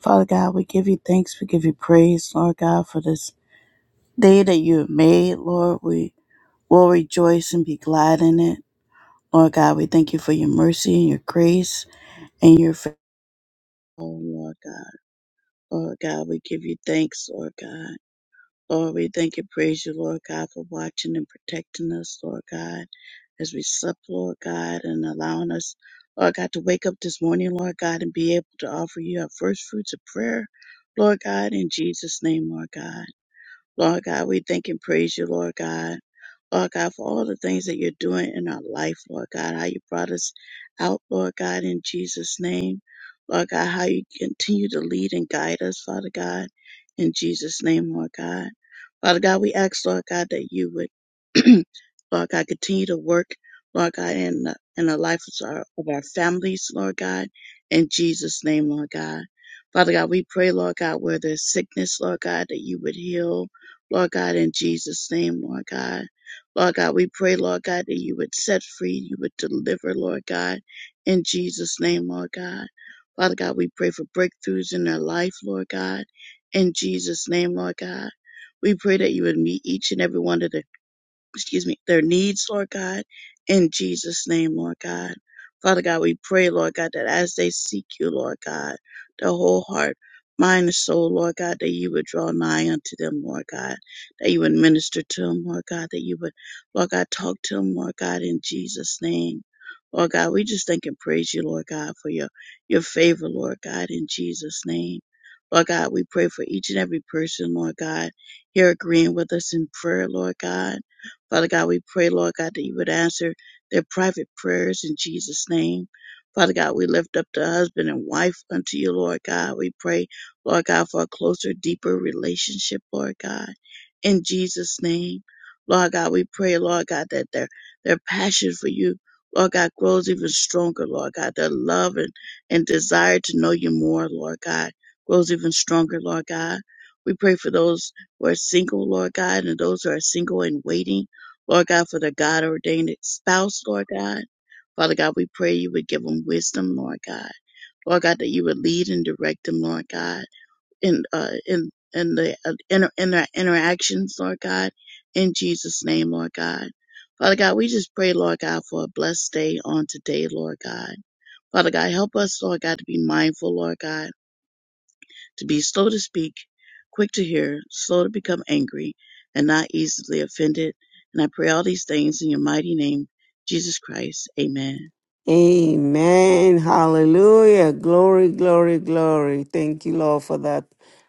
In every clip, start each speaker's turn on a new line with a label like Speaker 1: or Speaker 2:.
Speaker 1: Father God, we give you thanks. We give you praise, Lord God, for this day that you have made, Lord. We will rejoice and be glad in it. Lord God, we thank you for your mercy and your grace and your favor, Lord God. Lord God, we give you thanks, Lord God. Lord, we thank and praise you, Lord God, for watching and protecting us, Lord God, as we slept, Lord God, and allowing us, Lord God, to wake up this morning, Lord God, and be able to offer you our first fruits of prayer, Lord God, in Jesus' name, Lord God. Lord God, we thank and praise you, Lord God. Lord God, for all the things that you're doing in our life, Lord God, how you brought us out, Lord God, in Jesus' name. Lord God, how you continue to lead and guide us, Father God, in Jesus' name, Lord God. Father God, we ask, Lord God, that you would, Lord God, continue to work, Lord God, in the, in the life of our, of our families, Lord God, in Jesus' name, Lord God. Father God, we pray, Lord God, where there's sickness, Lord God, that you would heal, Lord God, in Jesus' name, Lord God. Lord God, we pray, Lord God, that you would set free, you would deliver, Lord God, in Jesus' name, Lord God. Father God, we pray for breakthroughs in their life, Lord God, in Jesus' name, Lord God. We pray that you would meet each and every one of their excuse me, their needs, Lord God, in Jesus' name, Lord God. Father God, we pray, Lord God, that as they seek you, Lord God, their whole heart, mind, and soul, Lord God, that you would draw nigh unto them, Lord God, that you would minister to them, Lord God, that you would, Lord God, talk to them, Lord God, in Jesus' name. Lord God, we just thank and praise you, Lord God, for your, your favor, Lord God, in Jesus' name. Lord God, we pray for each and every person, Lord God, here agreeing with us in prayer, Lord God. Father God, we pray, Lord God, that you would answer their private prayers in Jesus' name. Father God, we lift up the husband and wife unto you, Lord God. We pray, Lord God, for a closer, deeper relationship, Lord God, in Jesus' name. Lord God, we pray, Lord God, that their, their passion for you, Lord God, grows even stronger, Lord God. Their love and, and desire to know you more, Lord God, grows even stronger, Lord God. We pray for those who are single, Lord God, and those who are single and waiting. Lord God, for the God ordained spouse, Lord God. Father God, we pray you would give them wisdom, Lord God. Lord God, that you would lead and direct them, Lord God, in uh, in in the uh, inter, in their interactions, Lord God, in Jesus' name, Lord God. Father God, we just pray, Lord God, for a blessed day on today, Lord God. Father God, help us, Lord God, to be mindful, Lord God to be slow to speak, quick to hear, slow to become angry, and not easily offended. And I pray all these things in your mighty name, Jesus Christ. Amen.
Speaker 2: Amen. Hallelujah. Glory, glory, glory. Thank you, Lord, for that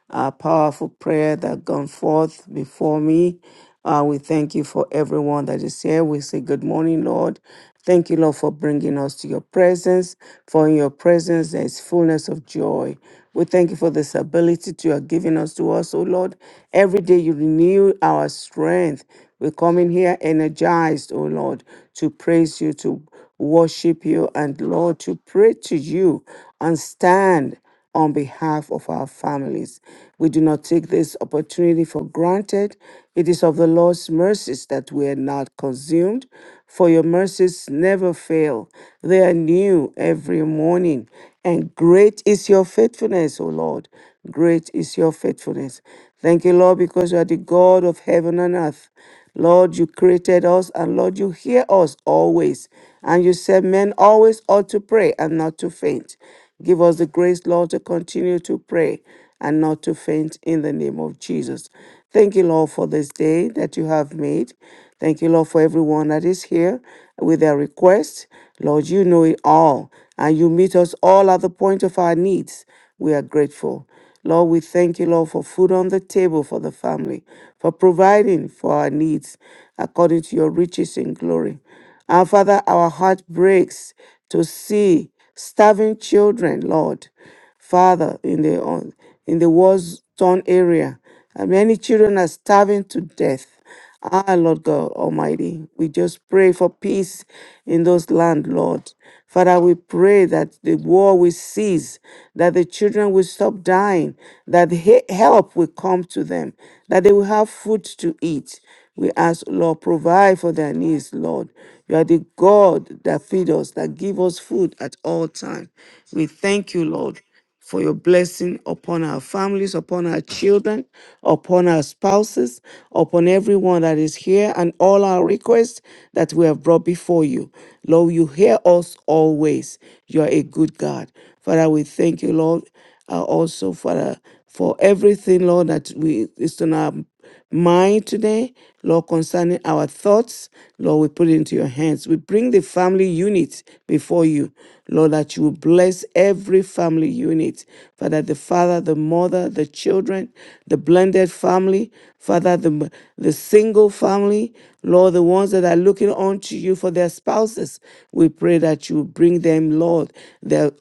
Speaker 2: uh, powerful prayer that gone forth before me. Uh, we thank you for everyone that is here. We say good morning, Lord. Thank you, Lord, for bringing us to your presence. For in your presence there is fullness of joy. We thank you for this ability that you are giving us to us, oh Lord. Every day you renew our strength. We come in here energized, oh Lord, to praise you, to worship you, and Lord, to pray to you and stand on behalf of our families. We do not take this opportunity for granted. It is of the Lord's mercies that we are not consumed, for your mercies never fail. They are new every morning, and great is your faithfulness, O Lord. Great is your faithfulness. Thank you, Lord, because you are the God of heaven and earth. Lord, you created us, and Lord, you hear us always. And you said men always ought to pray and not to faint. Give us the grace, Lord, to continue to pray and not to faint in the name of Jesus. Thank you, Lord, for this day that you have made. Thank you, Lord, for everyone that is here with their requests. Lord, you know it all, and you meet us all at the point of our needs. We are grateful. Lord, we thank you, Lord, for food on the table for the family, for providing for our needs according to your riches in glory. And Father, our heart breaks to see starving children, Lord. Father, in the on- in the war-torn area, and many children are starving to death. Ah, Lord God Almighty, we just pray for peace in those land, Lord. Father, we pray that the war will cease, that the children will stop dying, that he- help will come to them, that they will have food to eat. We ask, Lord, provide for their needs, Lord. You are the God that feed us, that give us food at all times. We thank you, Lord, for your blessing upon our families, upon our children, upon our spouses, upon everyone that is here, and all our requests that we have brought before you. Lord, you hear us always. You are a good God. Father, we thank you, Lord, uh, also, Father, for everything, Lord, that we is on our mind today, Lord, concerning our thoughts. Lord, we put it into your hands. We bring the family unit before you, Lord, that you will bless every family unit. Father, the father, the mother, the children, the blended family, Father, the, the single family, Lord, the ones that are looking on to you for their spouses. We pray that you bring them, Lord, their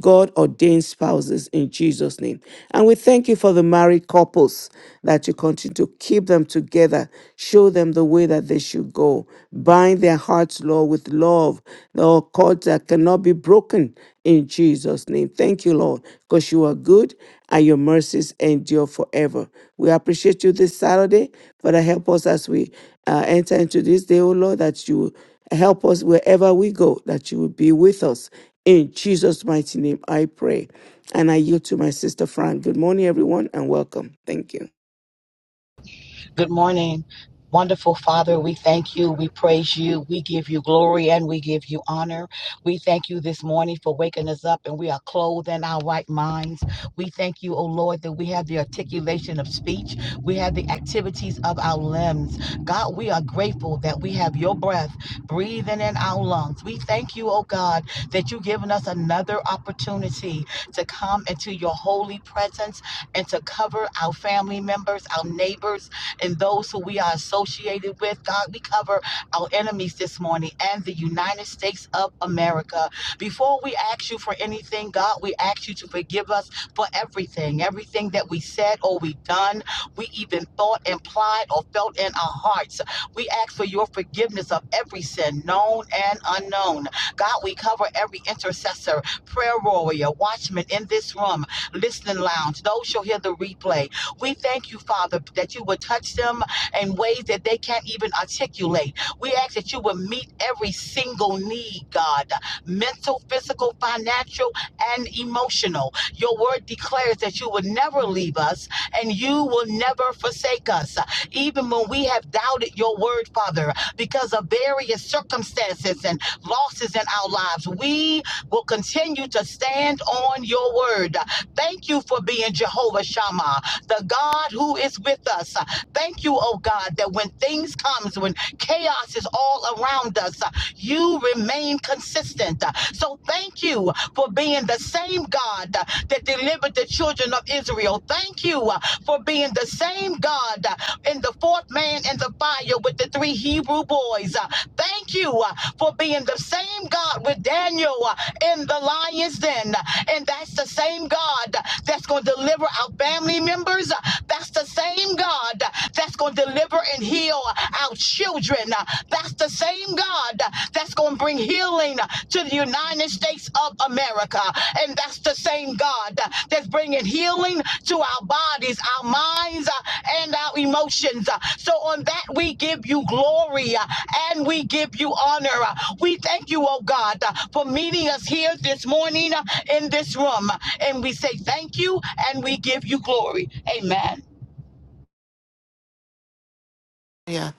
Speaker 2: God ordained spouses in Jesus' name. And we thank you for the married couples that you continue to keep them together, show them the way that they should go, bind their hearts, Lord, with love, Lord, cords that cannot be broken in Jesus' name. Thank you, Lord, because you are good and your mercies endure forever. We appreciate you this Saturday. Father, help us as we uh, enter into this day, oh Lord, that you help us wherever we go, that you will be with us in Jesus' mighty name, I pray. And I yield to my sister Fran. Good morning, everyone, and welcome. Thank you.
Speaker 3: Good morning. Wonderful Father, we thank you, we praise you, we give you glory, and we give you honor. We thank you this morning for waking us up and we are clothed in our right minds. We thank you, O Lord, that we have the articulation of speech, we have the activities of our limbs. God, we are grateful that we have your breath breathing in our lungs. We thank you, O God, that you've given us another opportunity to come into your holy presence and to cover our family members, our neighbors and those who we are associated with. God, we cover our enemies this morning and the United States of America. Before we ask you for anything, God, we ask you to forgive us for everything, everything that we said or we done, we even thought, implied, or felt in our hearts. We ask for your forgiveness of every sin, known and unknown. God, we cover every intercessor, prayer warrior, watchman in this room, listening lounge, those who hear the replay. We thank you, Father, that you would touch them in ways that they can't even articulate. We ask that you would meet every single need, God mental, physical, financial, and emotional. Your word declares that you would never leave us and you will never forsake us. Even when we have doubted your word, Father, because of various circumstances and losses in our lives, we will continue to stand on your word. Thank you for being Jehovah Shammah the God who is with us. Thank you, oh God, that when things comes, when chaos is all around us, you remain consistent. So thank you for being the same God that delivered the children of Israel. Thank you for being the same God in the fourth man in the fire with the three Hebrew boys. Uh, Thank you uh, for being the same God with Daniel uh, in the lion's den. And that's the same God that's going to deliver our family members. Uh, That's the same God that's going to deliver and heal our children. Uh, That's the same God that's going to bring healing to the United States of America. And that's the same God uh, that's bringing healing to our bodies, our minds, uh, and our emotions. Uh, So on that, we give you glory uh, and we give you honor. Uh, We thank you, oh God, uh, for meeting us here this morning uh, in this room. And we say thank you and we give you glory. Amen.
Speaker 4: Yeah.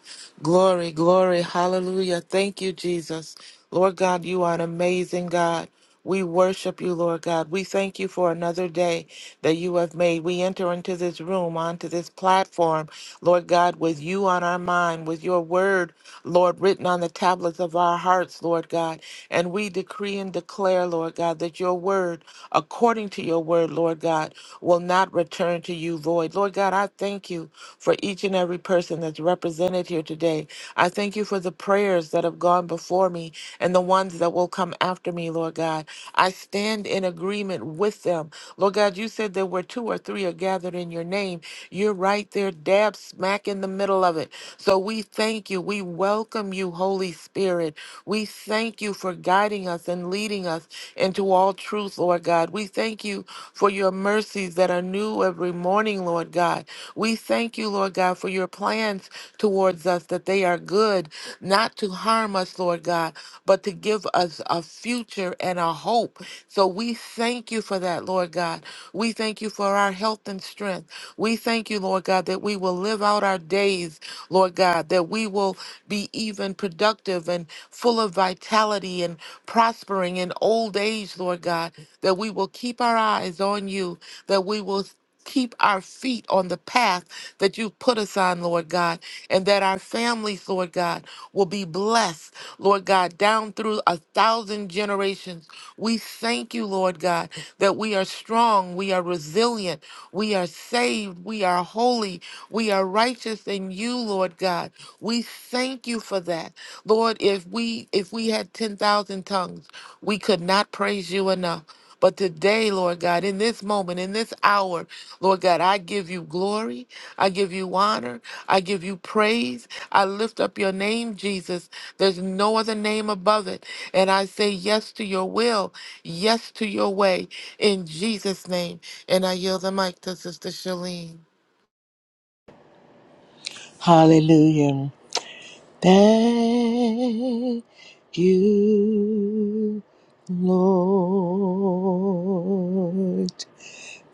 Speaker 4: Glory, glory, hallelujah. Thank you, Jesus. Lord God, you are an amazing God. We worship you, Lord God. We thank you for another day that you have made. We enter into this room, onto this platform, Lord God, with you on our mind, with your word, Lord, written on the tablets of our hearts, Lord God. And we decree and declare, Lord God, that your word, according to your word, Lord God, will not return to you void. Lord God, I thank you for each and every person that's represented here today. I thank you for the prayers that have gone before me and and the ones that will come after me, Lord God. I stand in agreement with them. Lord God, you said there were two or three are gathered in your name. You're right there, dab smack in the middle of it. So we thank you. We welcome you, Holy Spirit. We thank you for guiding us and leading us into all truth, Lord God. We thank you for your mercies that are new every morning, Lord God. We thank you, Lord God, for your plans towards us that they are good, not to harm us, Lord God, but to give us a future and a hope. So we thank you for that, Lord God. We thank you for our health and strength. We thank you, Lord God, that we will live out our days, Lord God, that we will be even productive and full of vitality and prospering in old age, Lord God, that we will keep our eyes on you, that we will keep our feet on the path that you've put us on, Lord God, and that our families, Lord God, will be blessed, Lord God, down through a thousand generations. We thank you, Lord God, that we are strong, we are resilient, we are saved, we are holy, we are righteous in you, Lord God. We thank you for that. Lord, if we if we had 10,000 tongues, we could not praise you enough. But today, Lord God, in this moment, in this hour, Lord God, I give you glory. I give you honor. I give you praise. I lift up your name, Jesus. There's no other name above it. And I say yes to your will, yes to your way, in Jesus' name. And I yield the mic to Sister Shalene.
Speaker 5: Hallelujah. Thank you, Lord.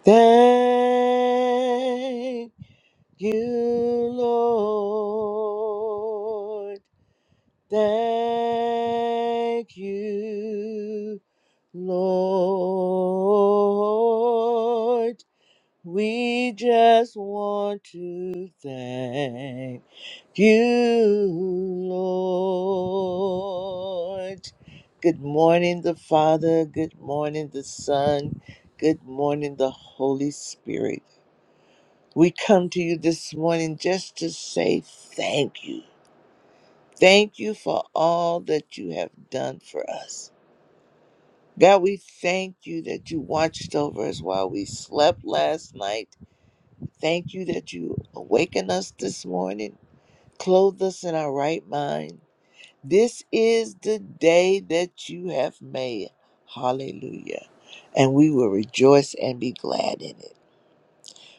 Speaker 5: Thank you, Lord. Thank you, Lord. We just want to thank you, Lord. Good morning, the Father. Good morning, the Son. Good morning, the Holy Spirit. We come to you this morning just to say thank you. Thank you for all that you have done for us. God, we thank you that you watched over us while we slept last night. Thank you that you awakened us this morning, clothed us in our right mind This is the day that you have made. Hallelujah. And we will rejoice and be glad in it.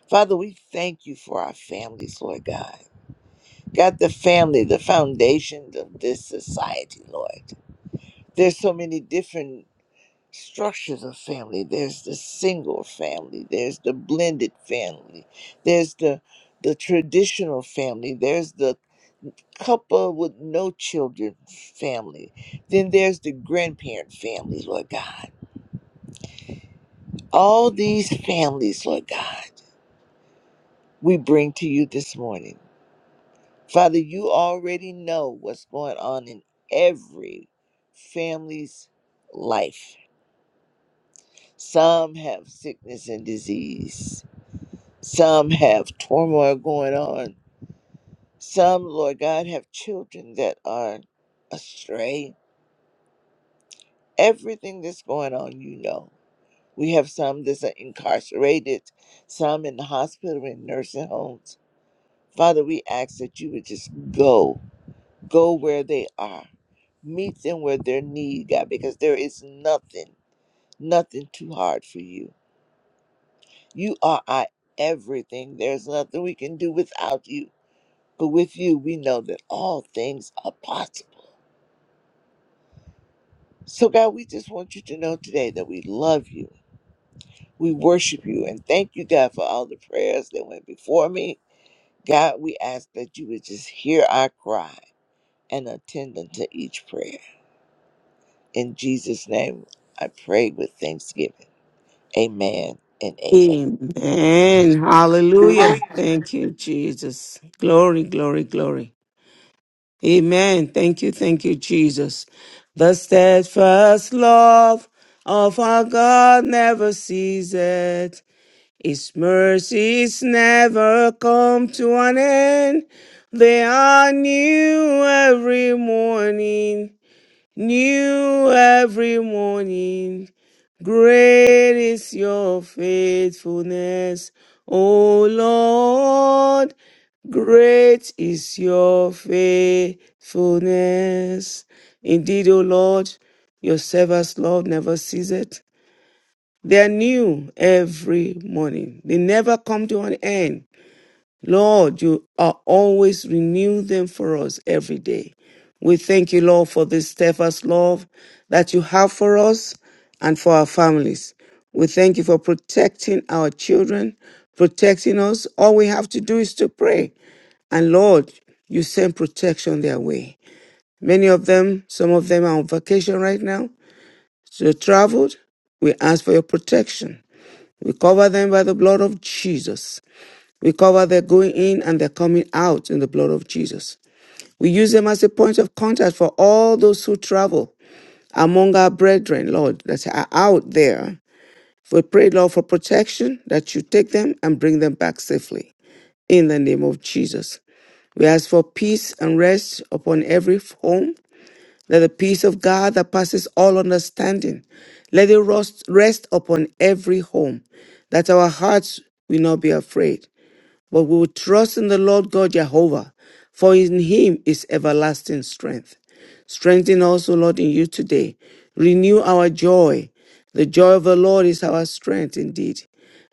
Speaker 5: Father, we thank you for our families, Lord God. God, the family, the foundation of this society, Lord. There's so many different structures of family. There's the single family. There's the blended family. There's the the traditional family. There's the couple with no children family. Then there's the grandparent family, Lord God. All these families, Lord God, we bring to you this morning. Father, you already know what's going on in every family's life. Some have sickness and disease. Some have turmoil going on. Some, Lord God, have children that are astray. Everything that's going on, you know. We have some that's are incarcerated, some in the hospital and nursing homes. Father, we ask that you would just go, go where they are, meet them where their need, God, because there is nothing, nothing too hard for you. You are our everything. There's nothing we can do without you. But with you, we know that all things are possible. So, God, we just want you to know today that we love you. We worship you and thank you, God, for all the prayers that went before me. God, we ask that you would just hear our cry and attend unto each prayer. In Jesus' name, I pray with thanksgiving. Amen and amen.
Speaker 2: Amen. Hallelujah. Thank you, Jesus. Glory, glory, glory. Amen. Thank you, thank you, Jesus. The steadfast love of our God never ceases. His mercies never come to an end. They are new every morning. new every morning. Great is your faithfulness, O Lord. Great is your faithfulness. Indeed, O Lord, your servants' love never ceases. They are new every morning. They never come to an end. Lord, you are always renew them for us every day. We thank you, Lord, for this steadfast love that you have for us and for our families. We thank you for protecting our children, protecting us. All we have to do is to pray. And Lord, you send protection their way. Many of them, some of them are on vacation right now, so they traveled. We ask for your protection. We cover them by the blood of Jesus. We cover their going in and their coming out in the blood of Jesus. We use them as a point of contact for all those who travel among our brethren, Lord, that are out there. We pray, Lord, for protection that you take them and bring them back safely. In the name of Jesus. We ask for peace and rest upon every home. Let the peace of God that passes all understanding, let it rest, rest upon every home, that our hearts will not be afraid but we will trust in the Lord God Jehovah, for in him is everlasting strength. Strengthen us, O Lord, in you today. Renew our joy. The joy of the Lord is our strength indeed.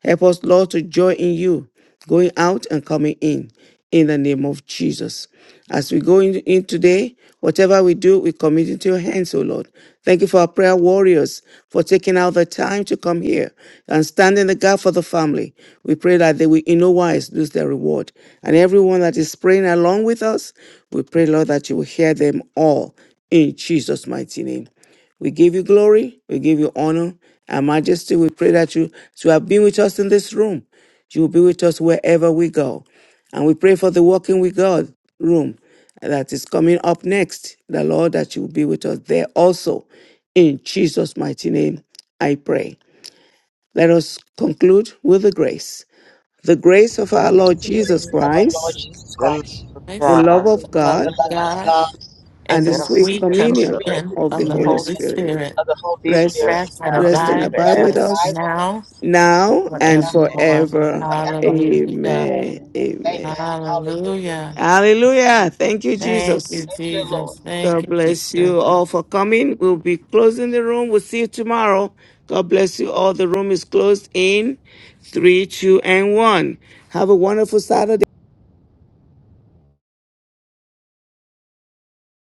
Speaker 2: Help us, Lord, to joy in you, going out and coming in, in the name of Jesus. As we go in, in today, whatever we do, we commit into your hands, O Lord. Thank you for our prayer warriors for taking out the time to come here and stand in the gap for the family. We pray that they will in no wise lose their reward. And everyone that is praying along with us, we pray, Lord, that you will hear them all in Jesus' mighty name. We give you glory. We give you honor and majesty. We pray that you, as you have been with us in this room, you will be with us wherever we go. And we pray for the Walking with God room that is coming up next. The Lord, that you will be with us there also. In Jesus' mighty name, I pray. Let us conclude with the grace. The grace of our Lord
Speaker 1: Praise the
Speaker 2: Jesus
Speaker 3: Grace
Speaker 1: Lord
Speaker 3: of our
Speaker 1: Jesus
Speaker 3: Lord
Speaker 2: Christ,
Speaker 3: Jesus
Speaker 1: Christ,
Speaker 5: The love
Speaker 3: Christ,
Speaker 5: of
Speaker 2: the
Speaker 4: Christ,
Speaker 2: love
Speaker 5: God,
Speaker 1: the Lord
Speaker 2: of
Speaker 4: the love
Speaker 3: the
Speaker 2: God,
Speaker 4: of
Speaker 1: of
Speaker 3: love
Speaker 1: God,
Speaker 3: of
Speaker 5: the
Speaker 4: God,
Speaker 3: God,
Speaker 5: sweet
Speaker 4: and
Speaker 2: and
Speaker 4: the
Speaker 2: the sweet
Speaker 1: and
Speaker 4: sweet
Speaker 1: the
Speaker 5: fellowship
Speaker 3: the
Speaker 5: of
Speaker 1: sweet
Speaker 2: communion
Speaker 5: the
Speaker 3: free
Speaker 5: Holy
Speaker 4: communion
Speaker 2: of the
Speaker 4: of
Speaker 1: communion
Speaker 4: the
Speaker 5: Spirit,
Speaker 1: of
Speaker 2: Holy
Speaker 1: the
Speaker 4: Holy
Speaker 3: communion
Speaker 1: Holy
Speaker 2: Spirit
Speaker 4: Spirit
Speaker 1: Spirit,
Speaker 3: of the Holy
Speaker 5: be
Speaker 2: Rest,
Speaker 5: with
Speaker 3: Spirit,
Speaker 5: us
Speaker 4: rest and
Speaker 5: now
Speaker 2: rest
Speaker 1: and
Speaker 5: and
Speaker 2: and
Speaker 4: abide
Speaker 2: abide
Speaker 1: abide
Speaker 4: with
Speaker 3: rest
Speaker 2: with
Speaker 3: and
Speaker 5: forever.
Speaker 1: with
Speaker 4: us
Speaker 1: us
Speaker 3: abide
Speaker 2: us
Speaker 3: with
Speaker 4: now
Speaker 3: us
Speaker 2: now and
Speaker 1: now
Speaker 3: now
Speaker 1: and
Speaker 4: forevermore.
Speaker 3: and
Speaker 2: forever.
Speaker 5: Amen.
Speaker 1: forevermore.
Speaker 3: forevermore.
Speaker 4: Hallelujah.
Speaker 2: Amen.
Speaker 1: Amen.
Speaker 2: Amen.
Speaker 3: Amen. Hallelujah.
Speaker 4: Hallelujah.
Speaker 2: Hallelujah. Thank you,
Speaker 4: Thank you,
Speaker 2: Jesus.
Speaker 3: Thank you, Lord.
Speaker 4: Jesus.
Speaker 1: Amen.
Speaker 4: Thank
Speaker 2: God
Speaker 4: you,
Speaker 2: bless
Speaker 4: Jesus.
Speaker 2: you all for coming. We'll be closing the room. We'll see you tomorrow. God bless you all. The room is closed in three, two, and one. Have a wonderful Saturday.